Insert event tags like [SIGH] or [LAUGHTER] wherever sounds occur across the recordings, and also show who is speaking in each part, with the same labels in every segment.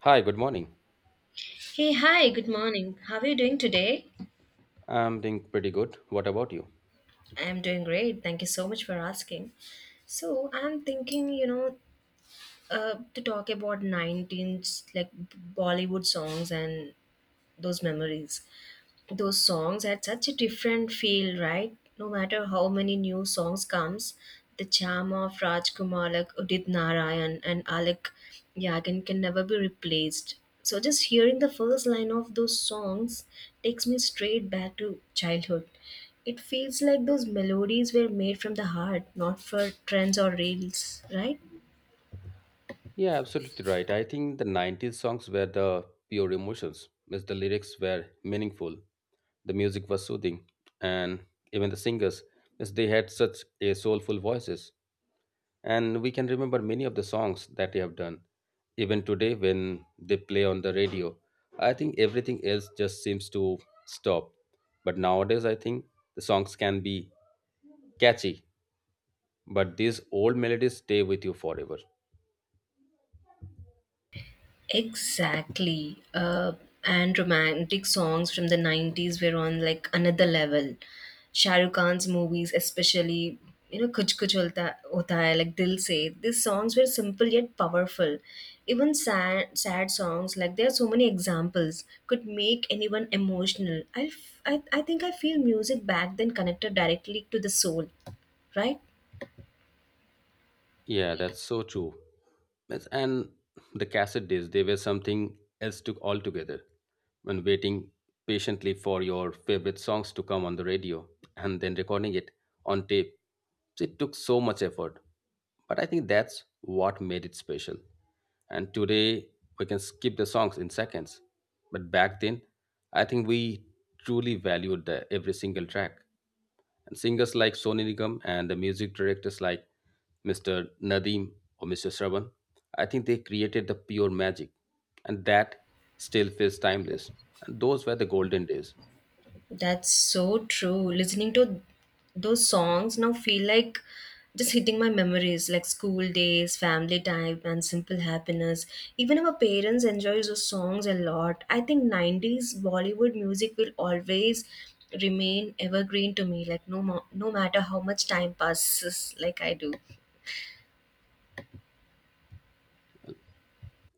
Speaker 1: Hi, good morning.
Speaker 2: Hey, hi, good morning. How are you doing today?
Speaker 1: I'm doing pretty good. What about you?
Speaker 2: I am doing great. Thank you so much for asking. So, I'm thinking, you know, To talk about 19th, like Bollywood songs and those memories. Those songs had such a different feel, right? No matter how many new songs comes, the charm of Rajkumar like Udit Narayan and Alec Yagan can never be replaced. So just hearing the first line of those songs takes me straight back to childhood. It feels like those melodies were made from the heart, not for trends or reels, right?
Speaker 1: Yeah, absolutely right. I think the 90s songs were the pure emotions, as the lyrics were meaningful, the music was soothing, and even the singers, as they had such a soulful voices. And we can remember many of the songs that they have done. Even today, when they play on the radio, I think everything else just seems to stop. But nowadays, I think the songs can be catchy but these old melodies stay with you forever.
Speaker 2: Exactly. And romantic songs from the 90s were on like another level. Shah Rukh Khan's movies, especially, you know, Kuch Kuch Hota, Hota Hai, like Dil Se, these songs were simple yet powerful. Even sad songs, like there are so many examples, could make anyone emotional. I think I feel music back then connected directly to the soul, right?
Speaker 1: Yeah, that's so true. Yes, and the cassette days, they were something else to altogether. When waiting patiently for your favorite songs to come on the radio and then recording it on tape, it took so much effort. But I think that's what made it special. And today, we can skip the songs in seconds. But back then, I think we truly valued every single track. And singers like Sonu Nigam and the music directors like Mr. Nadeem or Mr. Shravan, I think they created the pure magic, and that still feels timeless. And those were the golden days.
Speaker 2: That's so true. Listening to those songs now feel like just hitting my memories like school days, family time, and simple happiness. Even our parents enjoy those songs a lot. I think 90s Bollywood music will always remain evergreen to me, like no matter how much time passes, like I do.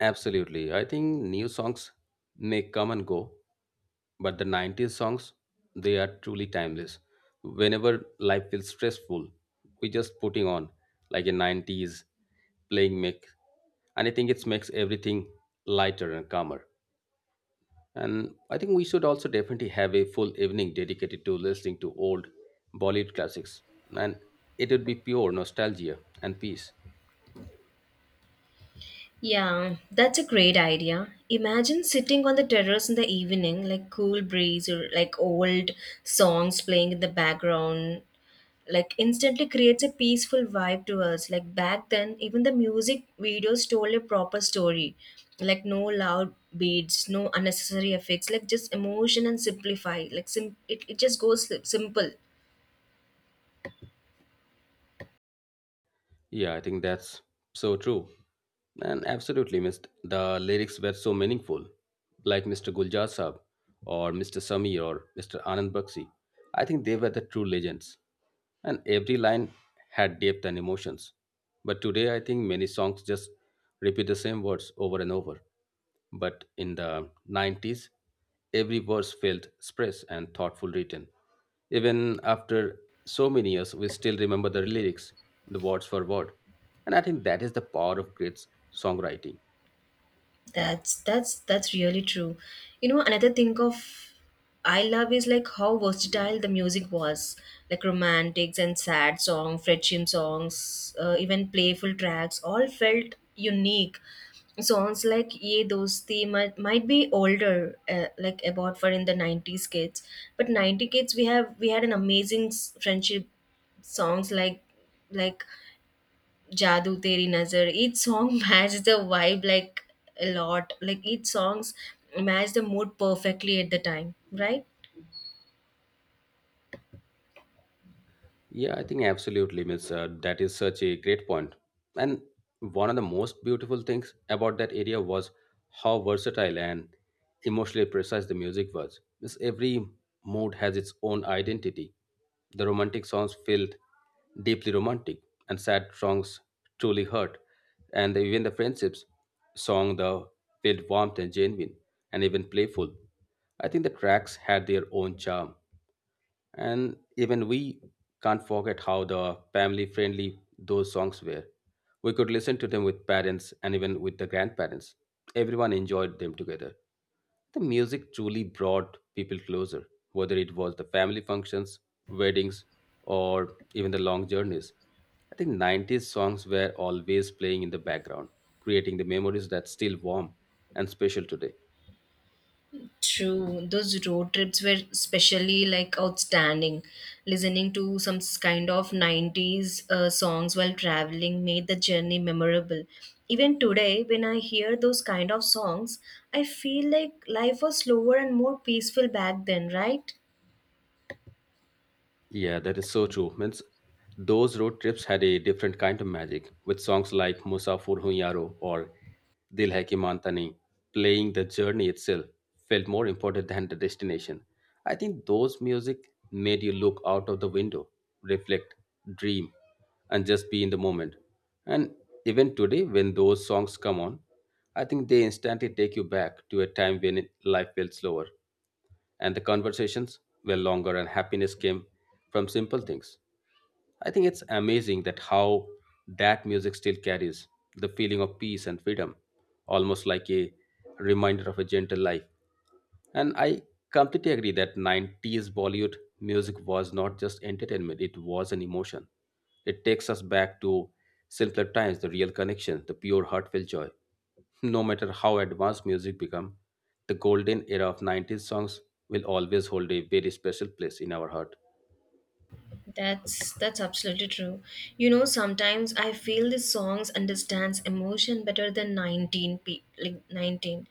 Speaker 1: Absolutely. I think new songs may come and go, but the 90s songs, they are truly timeless. Whenever life feels stressful, we just putting on like a 90s playing mix. And I think it makes everything lighter and calmer. And I think we should also definitely have a full evening dedicated to listening to old Bollywood classics. And it would be pure nostalgia and peace.
Speaker 2: Yeah, that's a great idea. Imagine sitting on the terrace in the evening, like cool breeze or like old songs playing in the background. Like instantly creates a peaceful vibe to us. Like back then, even the music videos told a proper story, like no loud beats, no unnecessary effects, like just emotion and simplify. It just goes simple.
Speaker 1: Yeah, I think that's so true. And absolutely, missed. The lyrics were so meaningful, like Mr. Guljar Saab or Mr. Sami or Mr. Anand Bakshi. I think they were the true legends. And every line had depth and emotions. But today, I think many songs just repeat the same words over and over. But in the 90s, every verse felt expressed and thoughtful written. Even after so many years, we still remember the lyrics, the words for word. And I think that is the power of great songwriting.
Speaker 2: That's really true. You know, another thing of I love is like how versatile the music was, like romantics and sad songs, friendship songs, even playful tracks, all felt unique. Songs like Ye Dosti might be older, like about for in the 90s kids, but 90 kids we had an amazing s- friendship songs like Jadoo Teri Nazar. Each song [LAUGHS] matched the vibe like a lot. Like each songs matched the mood perfectly at the time, right?
Speaker 1: Yeah, I think absolutely, Miss. That is such a great point. And one of the most beautiful things about that area was how versatile and emotionally precise the music was. Miss, every mood has its own identity. The romantic songs felt deeply romantic, and sad songs truly hurt. And even the friendships song the felt warmth and genuine, and even playful. I think the tracks had their own charm and even we can't forget how the family friendly those songs were. We could listen to them with parents and even with the grandparents. Everyone enjoyed them together. The music truly brought people closer, whether it was the family functions, weddings, or even the long journeys. I think 90s songs were always playing in the background, creating the memories that still warm and special today.
Speaker 2: True. Those road trips were especially like outstanding. Listening to some s- kind of 90s songs while traveling made the journey memorable. Even today, when I hear those kind of songs, I feel like life was slower and more peaceful back then, right?
Speaker 1: Yeah, that is so true. Means those road trips had a different kind of magic, with songs like Musafir Hoon Yaro or Dil Hai Ki Manta Nahi, playing the journey itself felt more important than the destination. I think those music made you look out of the window, reflect, dream, and just be in the moment. And even today, when those songs come on, I think they instantly take you back to a time when life felt slower and the conversations were longer, and happiness came from simple things. I think it's amazing that how that music still carries the feeling of peace and freedom, almost like a reminder of a gentle life. And I completely agree that 90s Bollywood music was not just entertainment, it was an emotion. It takes us back to simpler times, the real connection, the pure heartfelt joy. No matter how advanced music become, the golden era of 90s songs will always hold a very special place in our heart.
Speaker 2: That's absolutely true. You know, sometimes I feel the songs understands emotion better than 19 pe- like 19.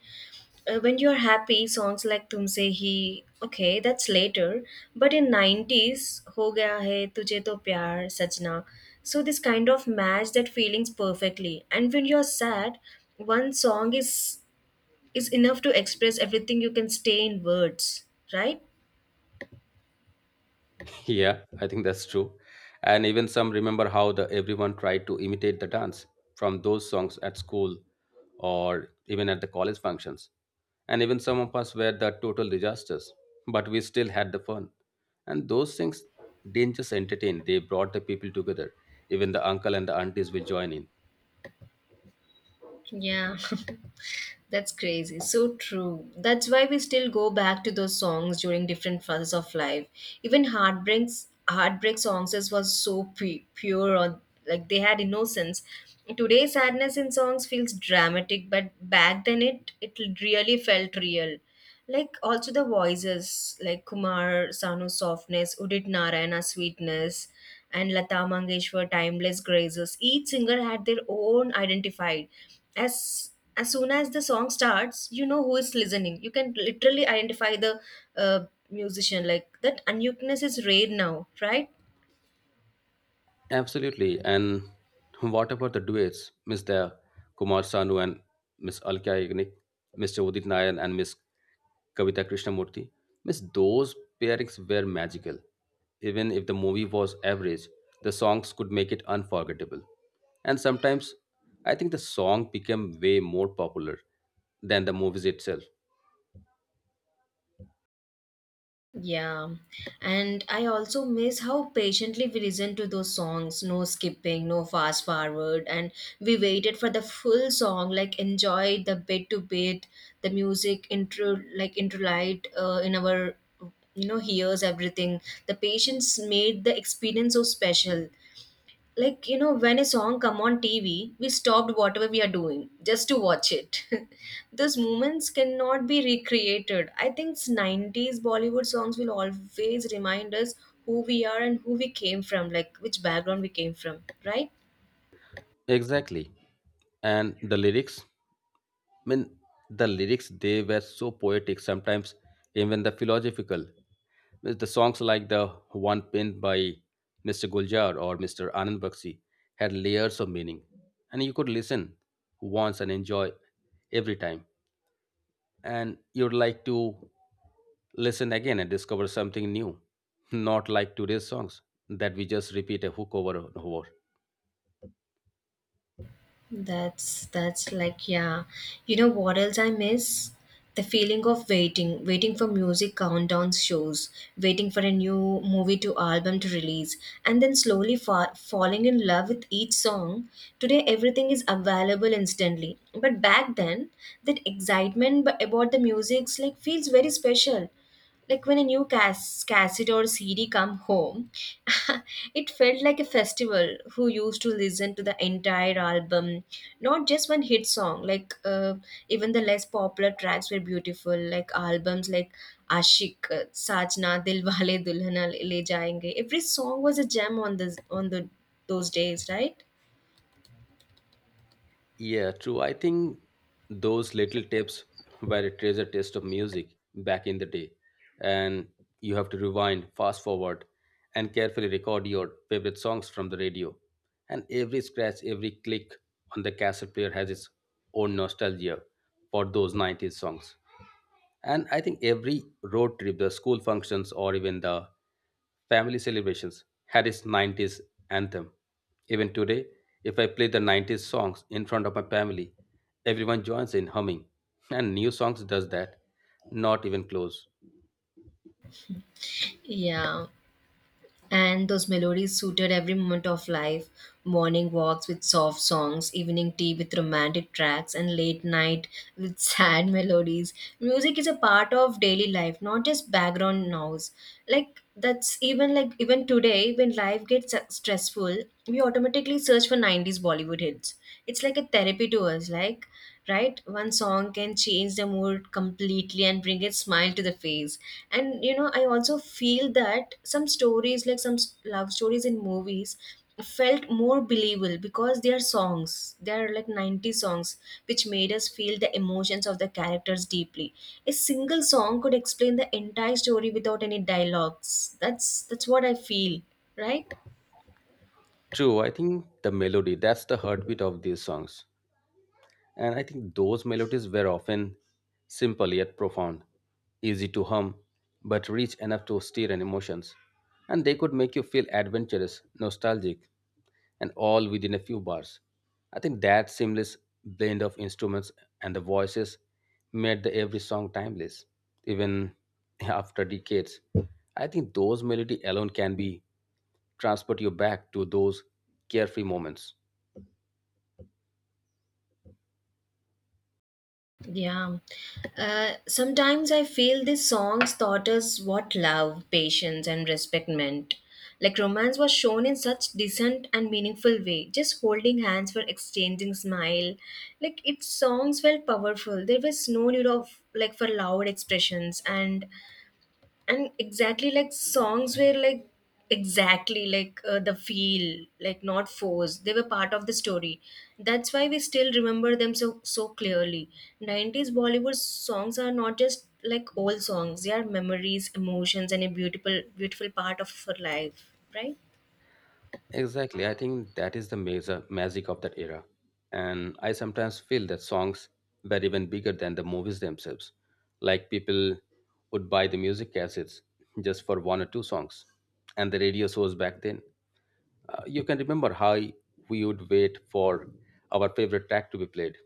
Speaker 2: When you're happy, songs like Tumse Hi, okay, that's later, but in 90s, Ho Gaya Hai, Tujhe To Pyar, Sajna. So this kind of match that feelings perfectly. And when you're sad, one song is enough to express everything you can stay in words, right?
Speaker 1: Yeah, I think that's true. And even some remember how the everyone tried to imitate the dance from those songs at school or even at the college functions. And even some of us were the total disasters, but we still had the fun. And those things didn't just entertain, they brought the people together. Even the uncle and the aunties will join in.
Speaker 2: Yeah, [LAUGHS] that's crazy. So true. That's why we still go back to those songs during different phases of life. Even heartbreak songs is was so pure, or like they had innocence. Today, sadness in songs feels dramatic, but back then it really felt real. Like also the voices, like Kumar Sanu softness, Udit Narayana sweetness, and Lata Mangeshwar timeless graces. Each singer had their own identified. As as soon as the song starts, you know who is listening. You can literally identify the uh, musician like that. Uniqueness is rare now, right?
Speaker 1: Absolutely. And what about the duets? Mr. Kumar Sanu and Miss Alka Yagnik, Mr. Udit Nayan and Miss Kavita Krishnamurti. Miss, those pairings were magical. Even if the movie was average, the songs could make it unforgettable. And sometimes I think the song became way more popular than the movies itself.
Speaker 2: Yeah, and I also miss how patiently we listened to those songs. No skipping, no fast forward, and we waited for the full song. Like enjoyed the bit to bit, the music intro, like intro light in our, you know, hears everything. The patience made the experience so special. Like you know, when a song come on TV, we stopped whatever we are doing just to watch it. [LAUGHS] Those moments cannot be recreated. I think 90s Bollywood songs will always remind us who we are and who we came from, like which background we came from, right?
Speaker 1: Exactly. And the lyrics? I mean, the lyrics they were so poetic, sometimes even the philosophical. With the songs like the one penned by Mr. Guljar or Mr. Anand Bakshi had layers of meaning, and you could listen once and enjoy every time, and you'd like to listen again and discover something new, [LAUGHS] not like today's songs that we just repeat a hook over and over.
Speaker 2: That's like, yeah. You know what else I miss? The feeling of waiting, waiting for music countdown shows, waiting for a new movie to album to release, and then slowly falling in love with each song. Today everything is available instantly, but back then that excitement about the music's like feels very special. Like when a new cassette or CD come home, [LAUGHS] it felt like a festival. Who used to listen to the entire album, not just one hit song. Like even the less popular tracks were beautiful. Like albums like Ashik, Sajna, Dilwale Dulhania Le Jayenge. Every song was a gem on this on the those days, right?
Speaker 1: Yeah, true. I think those little tips were a treasure taste of music back in the day. And you have to rewind, fast forward, and carefully record your favorite songs from the radio. And every scratch, every click on the cassette player has its own nostalgia for those 90s songs. And I think every road trip, the school functions, or even the family celebrations had its 90s anthem. Even today, if I play the 90s songs in front of my family, everyone joins in humming. And new songs does that. Not even close.
Speaker 2: Yeah. And those melodies suited every moment of life, morning walks with soft songs, evening tea with romantic tracks, and late night with [LAUGHS] sad melodies. Music is a part of daily life, not just background noise. Like that's even, like even today when life gets stressful, we automatically search for 90s Bollywood hits. It's like a therapy to us, like, right? One song can change the mood completely and bring a smile to the face. And you know, I also feel that some stories, like some s- love stories in movies, felt more believable because they are songs, they are like 90 songs, which made us feel the emotions of the characters deeply. A single song could explain the entire story without any dialogues. That's what I feel, right?
Speaker 1: True, I think the melody, that's the heartbeat of these songs. And I think those melodies were often simple yet profound, easy to hum, but rich enough to stir an emotions. And they could make you feel adventurous, nostalgic, and all within a few bars. I think that seamless blend of instruments and the voices made the every song timeless, even [LAUGHS] after decades. I think those melody alone can be transport you back to those carefree moments.
Speaker 2: Yeah. Sometimes I feel these songs taught us what love, patience, and respect meant. Like romance was shown in such decent and meaningful way, just holding hands for exchanging smile. Like its songs felt powerful. There was no need of like for loud expressions and exactly like songs were like exactly like the feel like not forced, they were part of the story. That's why we still remember them so clearly. 90s Bollywood songs are not just like old songs, they are memories, emotions, and a beautiful part of our life, right?
Speaker 1: Exactly, I think that is the major magic of that era, and I sometimes feel that songs were even bigger than the movies themselves. Like people would buy the music cassettes just for one or two songs, and the radio shows back then. You can remember how we would wait for our favorite track to be played.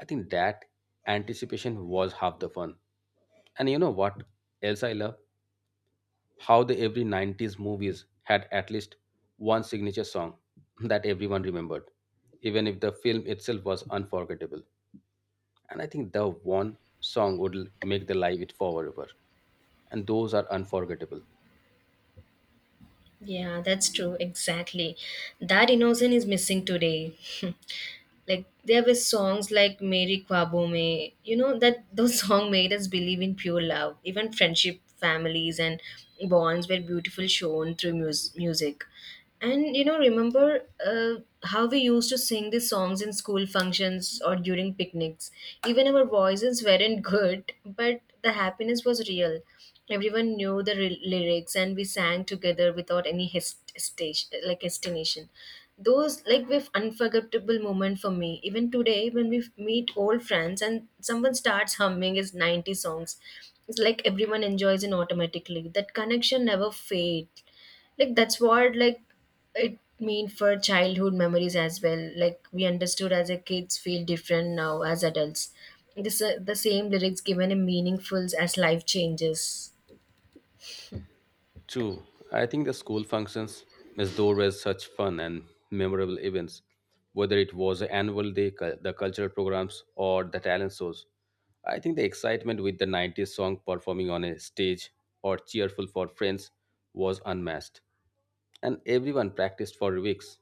Speaker 1: I think that anticipation was half the fun. And you know what else I love? How the every 90s movies had at least one signature song [LAUGHS] that everyone remembered, even if the film itself was unforgettable. And I think the one song would make the life it forever. And those are unforgettable.
Speaker 2: Yeah, that's true. Exactly. That innocence is missing today. [LAUGHS] Like there were songs like Mary Kwabo Me, you know, that those [LAUGHS] songs made us believe in pure love. Even friendship, families and bonds were beautiful shown through music. And you know, remember how we used to sing these songs in school functions or during picnics. Even our voices weren't [LAUGHS] good, but the happiness was real. Everyone knew the lyrics, and we sang together without any stage, like hesitation. Those like were unforgettable moment for me. Even today, when we meet old friends and someone starts humming his 90 songs, it's like everyone enjoys it automatically. That connection never fades. Like that's what like it mean for childhood memories as well. Like we understood as a kids feel different now as adults. This the same lyrics given a meaningful as life changes.
Speaker 1: True. I think the school functions as though were such fun and memorable events, whether it was the annual day, the cultural programs, or the talent shows. I think the excitement with the 90s song performing on a stage or cheerful for friends was unmatched. And everyone practiced for weeks.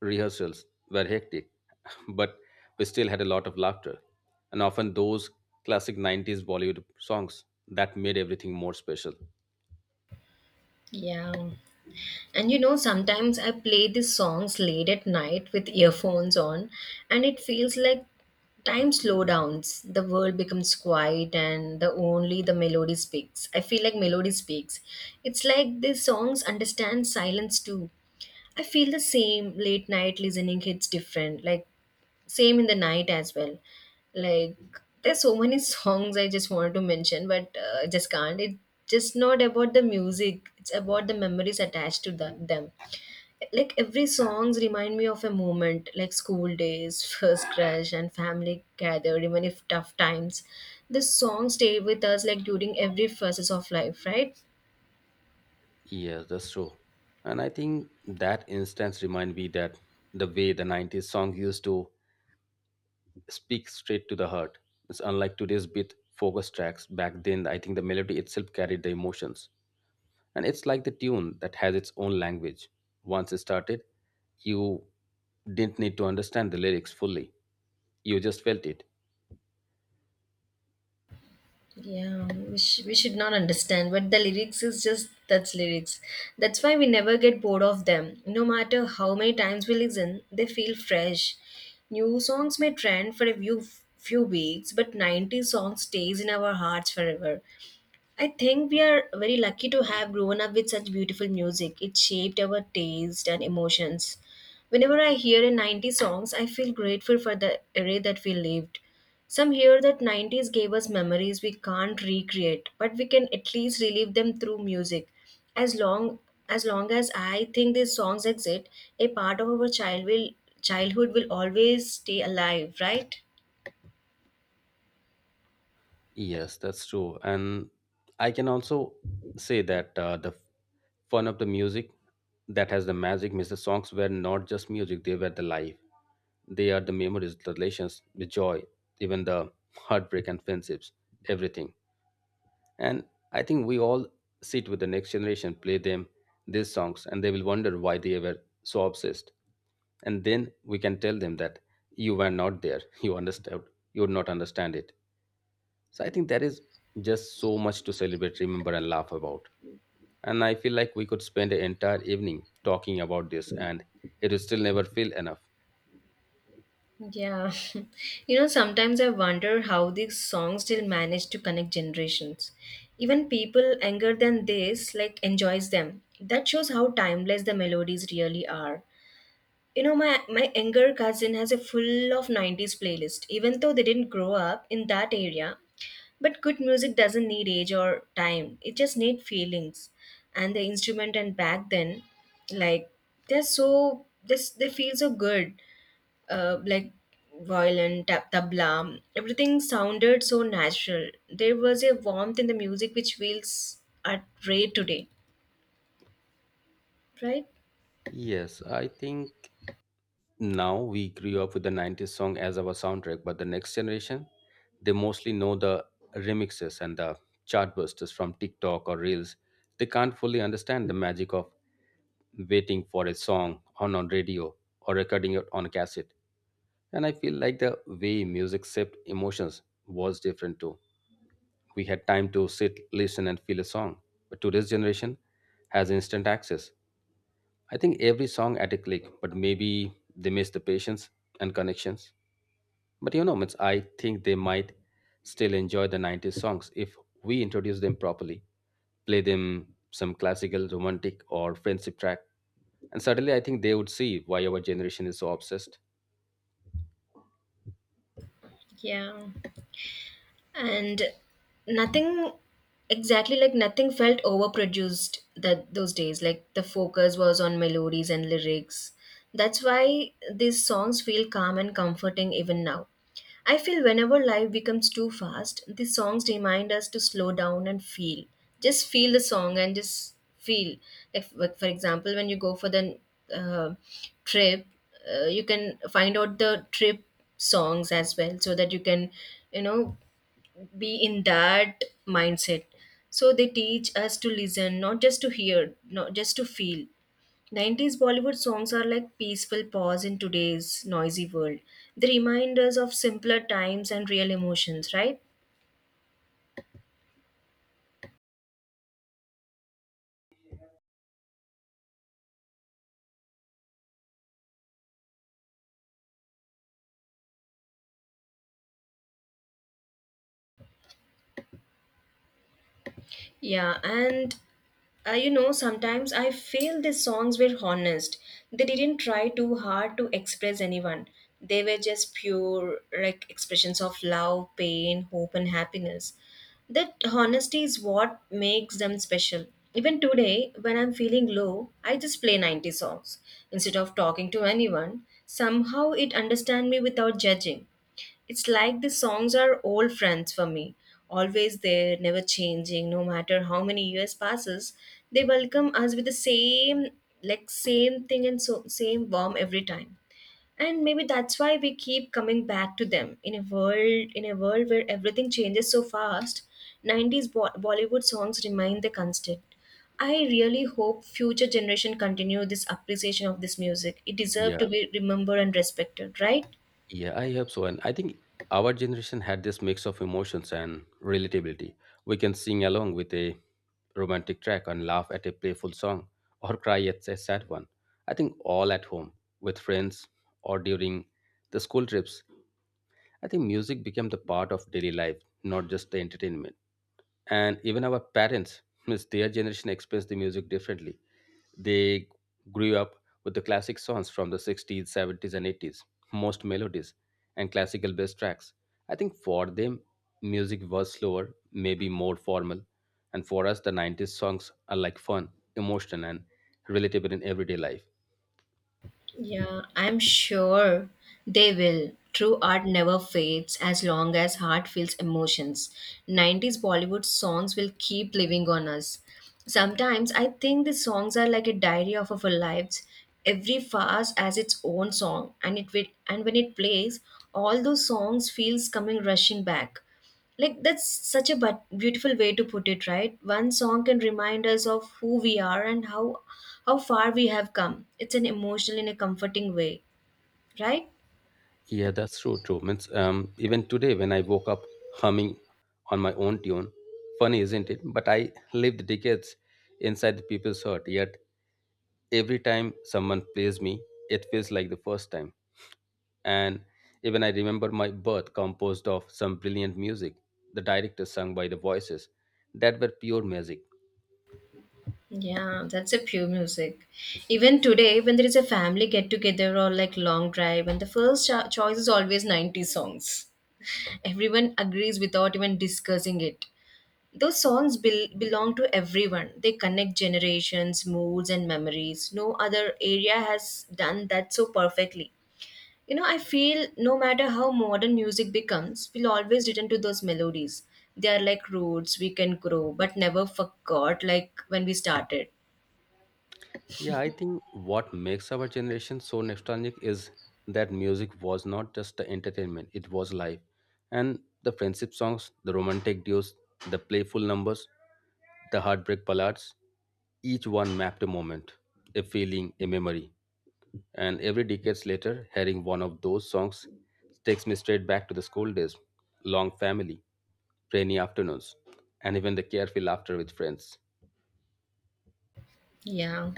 Speaker 1: Rehearsals were hectic, [LAUGHS] but we still had a lot of laughter. And often those classic 90s Bollywood songs that made everything more special.
Speaker 2: Yeah. And you know, sometimes I play these songs late at night with earphones on, and it feels like time slow downs. The world becomes quiet, and the only the melody speaks. I feel like melody speaks. It's like these songs understand silence too. I feel the same. Late night listening hits different. Like same in the night as well, like there's so many [LAUGHS] songs I just wanted to mention, but I just can't. It's just not about the music, it's about the memories attached to them. Like every songs remind me of a moment, like school days, [LAUGHS] first crush and family gathered, even if tough times, the songs stay with us like during every phases of life, right?
Speaker 1: Yes, that's true. And I think that instance remind me that the way the 90s song used to speak straight to the heart. It's unlike today's beat focus tracks. Back then, I think the melody itself carried the emotions. And it's like the tune that has its own language. Once it started, you didn't need to understand the lyrics fully. You just felt it.
Speaker 2: Yeah, we should not understand. But the lyrics is just that's lyrics. That's why we never get bored of them. No matter how many times we listen, they feel fresh. New songs may trend for a few weeks, but 90 songs stays in our hearts forever. I think we are very lucky to have grown up with such beautiful music. It shaped our taste and emotions. Whenever I hear a 90s songs, I feel grateful for the era that we lived. Some hear that 90s gave us memories we can't recreate, but we can at least relive them through music. As long as long as I think these songs exist, a part of our childhood will always stay alive, right?
Speaker 1: Yes, that's true. And I can also say that the fun of the music that has the magic means the songs were not just music, they were the life. They are the memories, the relations, the joy, even the heartbreak and friendships, everything. And I think we all sit with the next generation, play them these songs, and they will wonder why they were so obsessed. And then we can tell them that you were not there, [LAUGHS] you understood, you would not understand it so I think there is just so much to celebrate, remember, and laugh about. And I feel like we could spend an entire evening talking about this, and it will still never feel enough.
Speaker 2: Yeah. [LAUGHS] You know, sometimes I wonder how these songs still manage to connect generations. Even people younger than this like enjoys them. That shows how timeless the melodies really are. You know, my younger cousin has a full of 90s playlist even though they didn't grow up in that area. But good music doesn't need age or time. It just needs feelings. And the instrument and back then, like they're so this they feel so good, like violin, tabla. Everything sounded so natural. There was a warmth in the music which feels at rare today, right?
Speaker 1: Yes, I think now we grew up with the 90s song as our soundtrack, but the next generation, they mostly know the remixes and the chartbusters from TikTok or Reels. They can't fully understand the magic of waiting for a song on radio or recording it on a cassette. And I feel like the way music shaped emotions was different too. We had time to sit, listen, and feel a song. But today's generation has instant access. I think every song at a click, but maybe they miss the patience and connections. But you know, means I think they might still enjoy the 90s songs if we introduce them properly, play them some classical, romantic, or friendship track. And suddenly I think they would see why our generation is so obsessed.
Speaker 2: Yeah. and nothing exactly Like nothing felt overproduced that those days. Like the focus was on melodies and lyrics. That's why these songs feel calm and comforting even now. I feel whenever life becomes too fast, these songs remind us to slow down and feel, just feel the song and just feel. If like for example when you go for the uh, trip, you can find out the trip songs as well so that you can, you know be in that mindset. So they teach us to listen, not just to hear, not just to feel. 90s Bollywood songs are like peaceful pause in today's noisy world. They remind us of simpler times and real emotions, right? Yeah. And sometimes I feel the songs were honest. They didn't try too hard to express anyone. They were just pure, like expressions of love, pain, hope, and happiness. That honesty is what makes them special. Even today, when I'm feeling low, I just play 90s songs instead of talking to anyone. Somehow it understands me without judging. It's like the songs are old friends for me, always there, never changing, no matter how many years passes. They welcome us with the same, like same thing and so same warm every time. And maybe that's why we keep coming back to them in a world where everything changes so fast. 90s Bollywood songs remain the constant. I really hope future generation continue this appreciation of this music. It deserves
Speaker 1: Yeah.
Speaker 2: to be remembered and respected, right?
Speaker 1: Yeah, I hope so. And I think our generation had this mix of emotions and relatability. We can sing along with a romantic track and laugh at a playful song or cry at a sad one. I think all at home, with friends, or during the school trips. I think music became the part of daily life, not just the entertainment. And even our parents, [LAUGHS] means their generation experienced the music differently. They grew up with the classic songs from the 60s, 70s, and 80s, most melodies and classical bass tracks. I think for them, music was slower, maybe more formal, and for us, the 90s songs are like fun, emotional, and relatable in everyday life.
Speaker 2: Yeah, I'm sure they will. True art never fades as long as heart feels emotions. 90s Bollywood songs will keep living on us. Sometimes I think the songs are like a diary of our lives. Every phase has its own song and when it plays, all those songs feels coming rushing back. Like that's such a but beautiful way to put it, right? One song can remind us of who we are and how far we have come. It's an emotional in a comforting way, right?
Speaker 1: Yeah, that's so true. Means, even today, when I woke up humming on my own tune, funny, isn't it? But I lived decades inside the people's heart, yet every time someone plays me, it feels like the first time. And even I remember my birth composed of some brilliant music, the director sung by the voices that were pure magic.
Speaker 2: Yeah, that's a pure music. Even today when there is a family get together or like long drive, and the first choice is always 90s songs. [LAUGHS] Everyone agrees without even discussing it. Those songs belong to everyone. They connect generations, moods, and memories. No other area has done that so perfectly. You know, I feel no matter how modern music becomes, we'll always return to those melodies. They are like roots we can grow, but never forgot, like when we started.
Speaker 1: Yeah, I think what makes our generation so nostalgic is that music was not just the entertainment, it was life. And the friendship songs, the romantic duos, the playful numbers, the heartbreak ballads, each one mapped a moment, a feeling, a memory. And every decades later, hearing one of those songs takes me straight back to the school days, long family, rainy afternoons, and even the carefree laughter with friends.
Speaker 2: Yeah.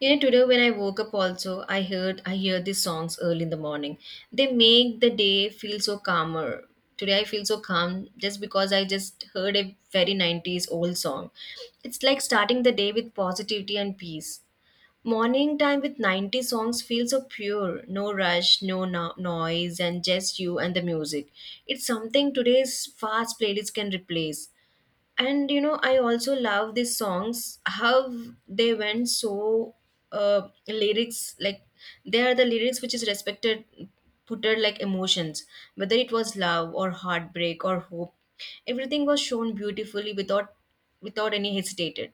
Speaker 2: You know, today when I woke up also, I hear these songs early in the morning. They make the day feel so calmer. Today I feel so calm just because I just heard a very 90s old song. It's like starting the day with positivity and peace. Morning time with 90s songs feels so pure. No rush, no noise, and just you and the music. It's something today's fast playlist can replace. And you know, I also love these songs, how they went so lyrics. Like they are the lyrics which is respected, putted like emotions, whether it was love or heartbreak or hope. Everything was shown beautifully without any hesitated.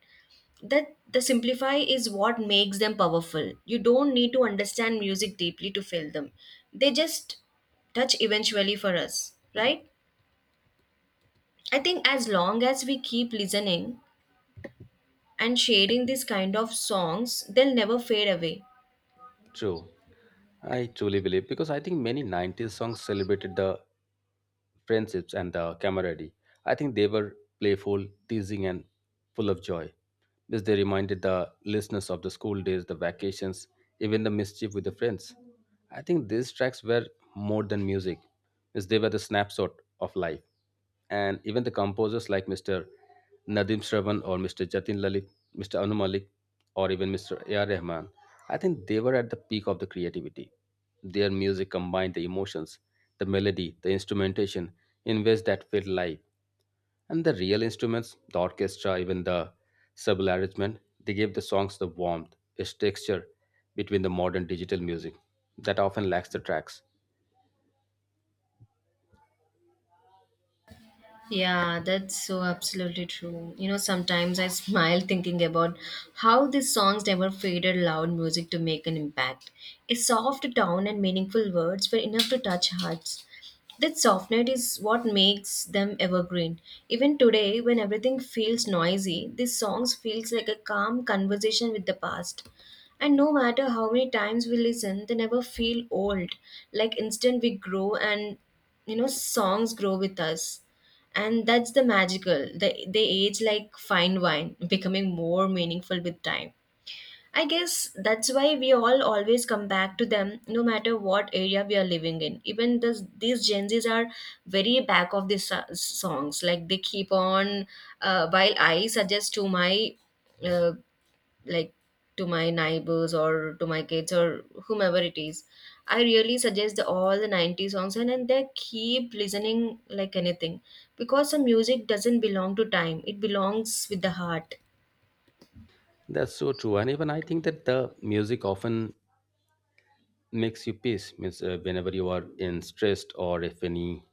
Speaker 2: That the simplify is what makes them powerful. You don't need to understand music deeply to feel them. They just touch eventually for us, right? I think as long as we keep listening and sharing these kind of songs, they'll never fade away.
Speaker 1: True. I truly believe because I think many 90s songs celebrated the friendships and the camaraderie. I think they were playful, teasing, and full of joy. This they reminded the listeners of the school days, the vacations, even the mischief with the friends. I think these tracks were more than music, as they were the snapshot of life. And even the composers like Mr. Nadim Shravan or Mr. Jatin Lalit, Mr. Anu Malik, or even Mr. A.R. Rahman, I think they were at the peak of the creativity. Their music combined the emotions, the melody, the instrumentation in ways that felt live. And the real instruments, the orchestra, even the subtle arrangement, they gave the songs the warmth, its texture between the modern digital music that often lacks the tracks.
Speaker 2: Yeah, that's so absolutely true. You know, sometimes I smile thinking about how these songs never faded loud music to make an impact. A soft tone and meaningful words were enough to touch hearts. That softness is what makes them evergreen. Even today, when everything feels noisy, these songs feels like a calm conversation with the past. And no matter how many times we listen, they never feel old. Like instant we grow, and you know, songs grow with us, and that's the magical. They age like fine wine, becoming more meaningful with time. I guess that's why we all always come back to them no matter what area we are living in. Even these gen z's are very back of songs. Like they keep on while I suggest to my uh, like to my neighbors or to my kids or whomever it is, I really suggest all the 90s songs, and they keep listening like anything, because the music doesn't belong to time, it belongs with the heart.
Speaker 1: That's so true. And even I think that the music often makes you peace means whenever you are in stressed or if any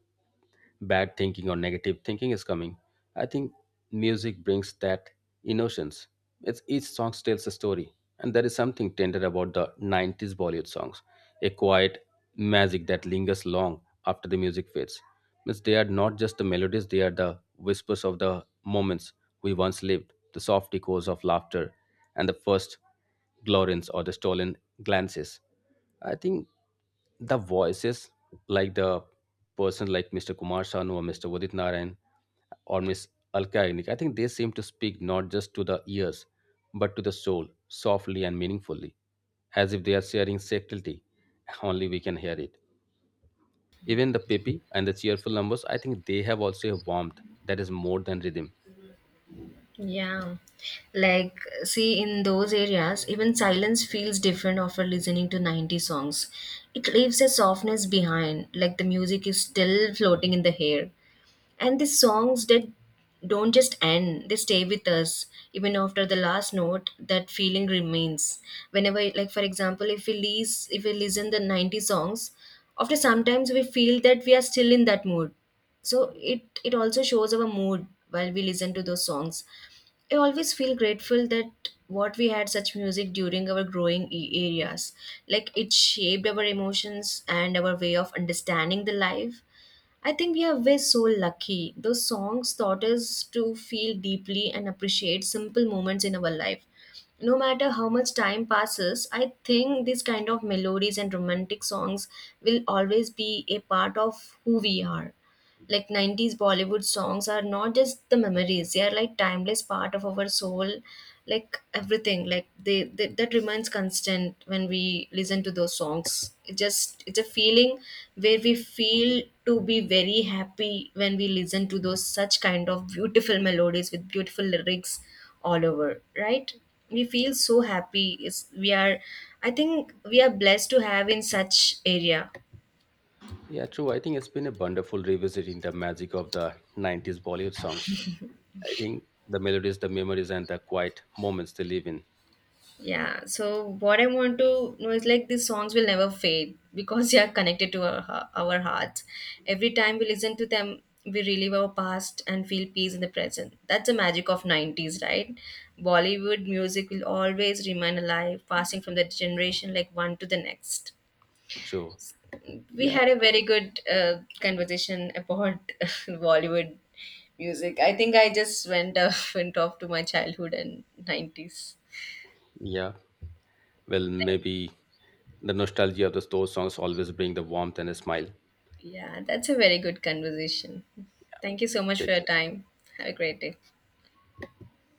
Speaker 1: bad thinking or negative thinking is coming. I think music brings that innocence. It's each song tells a story, and there is something tender about the 90s Bollywood songs, a quiet magic that lingers long after the music fades. Means they are not just the melodies; they are the whispers of the moments we once lived, the soft echoes of laughter, and the first glorins or the stolen glances. I think the voices like the person like Mr. Kumar Sanu or Mr. Udit Narayan or Miss Alka Yagnik, I think they seem to speak not just to the ears but to the soul, softly and meaningfully, as if they are sharing subtlety. [LAUGHS] Only we can hear it. Even the peppy and the cheerful numbers, I think they have also a warmth that is more than rhythm.
Speaker 2: Yeah, like see, in those areas even silence feels different after listening to 90s songs. It leaves a softness behind, like the music is still floating in the air. And the songs that don't just end, they stay with us. Even after the last note, that feeling remains. Whenever, like for example, if if we listen the 90s songs, after sometimes we feel that we are still in that mood. So it also shows our mood while we listen to those songs. I always feel grateful that what we had such music during our growing areas. Like it shaped our emotions and our way of understanding the life. I think we are way so lucky. Those songs taught us to feel deeply and appreciate simple moments in our life. No matter how much time passes, I think these kind of melodies and romantic songs will always be a part of who we are. Like 90s Bollywood songs are not just the memories, they are like timeless part of our soul. Like everything, like they that remains constant. When we listen to those songs, it just, it's a feeling where we feel to be very happy when we listen to those such kind of beautiful melodies with beautiful lyrics all over, right? We feel so happy. It's, we are I think we are blessed to have in such area.
Speaker 1: Yeah, true. I think it's been a wonderful revisiting the magic of the 90s Bollywood songs. I think the melodies, the memories, and the quiet moments they live in.
Speaker 2: Yeah, so what I want to know is like these songs will never fade, because [LAUGHS] they are connected to our hearts. Every time we listen to them, we relive our past and feel peace in the present. That's the magic of 90s, right? Bollywood music will always remain alive, passing from the generation like one to the next.
Speaker 1: True.
Speaker 2: We
Speaker 1: Yeah,
Speaker 2: had a very good conversation about [LAUGHS] Bollywood music. I think I just went, [LAUGHS] went off to my childhood and 90s.
Speaker 1: yeah. Well, maybe the nostalgia of those songs always bring the warmth and a smile.
Speaker 2: Yeah, that's a very good conversation. Thank you so much for
Speaker 1: Take
Speaker 2: your
Speaker 1: care.
Speaker 2: time. Have a great day.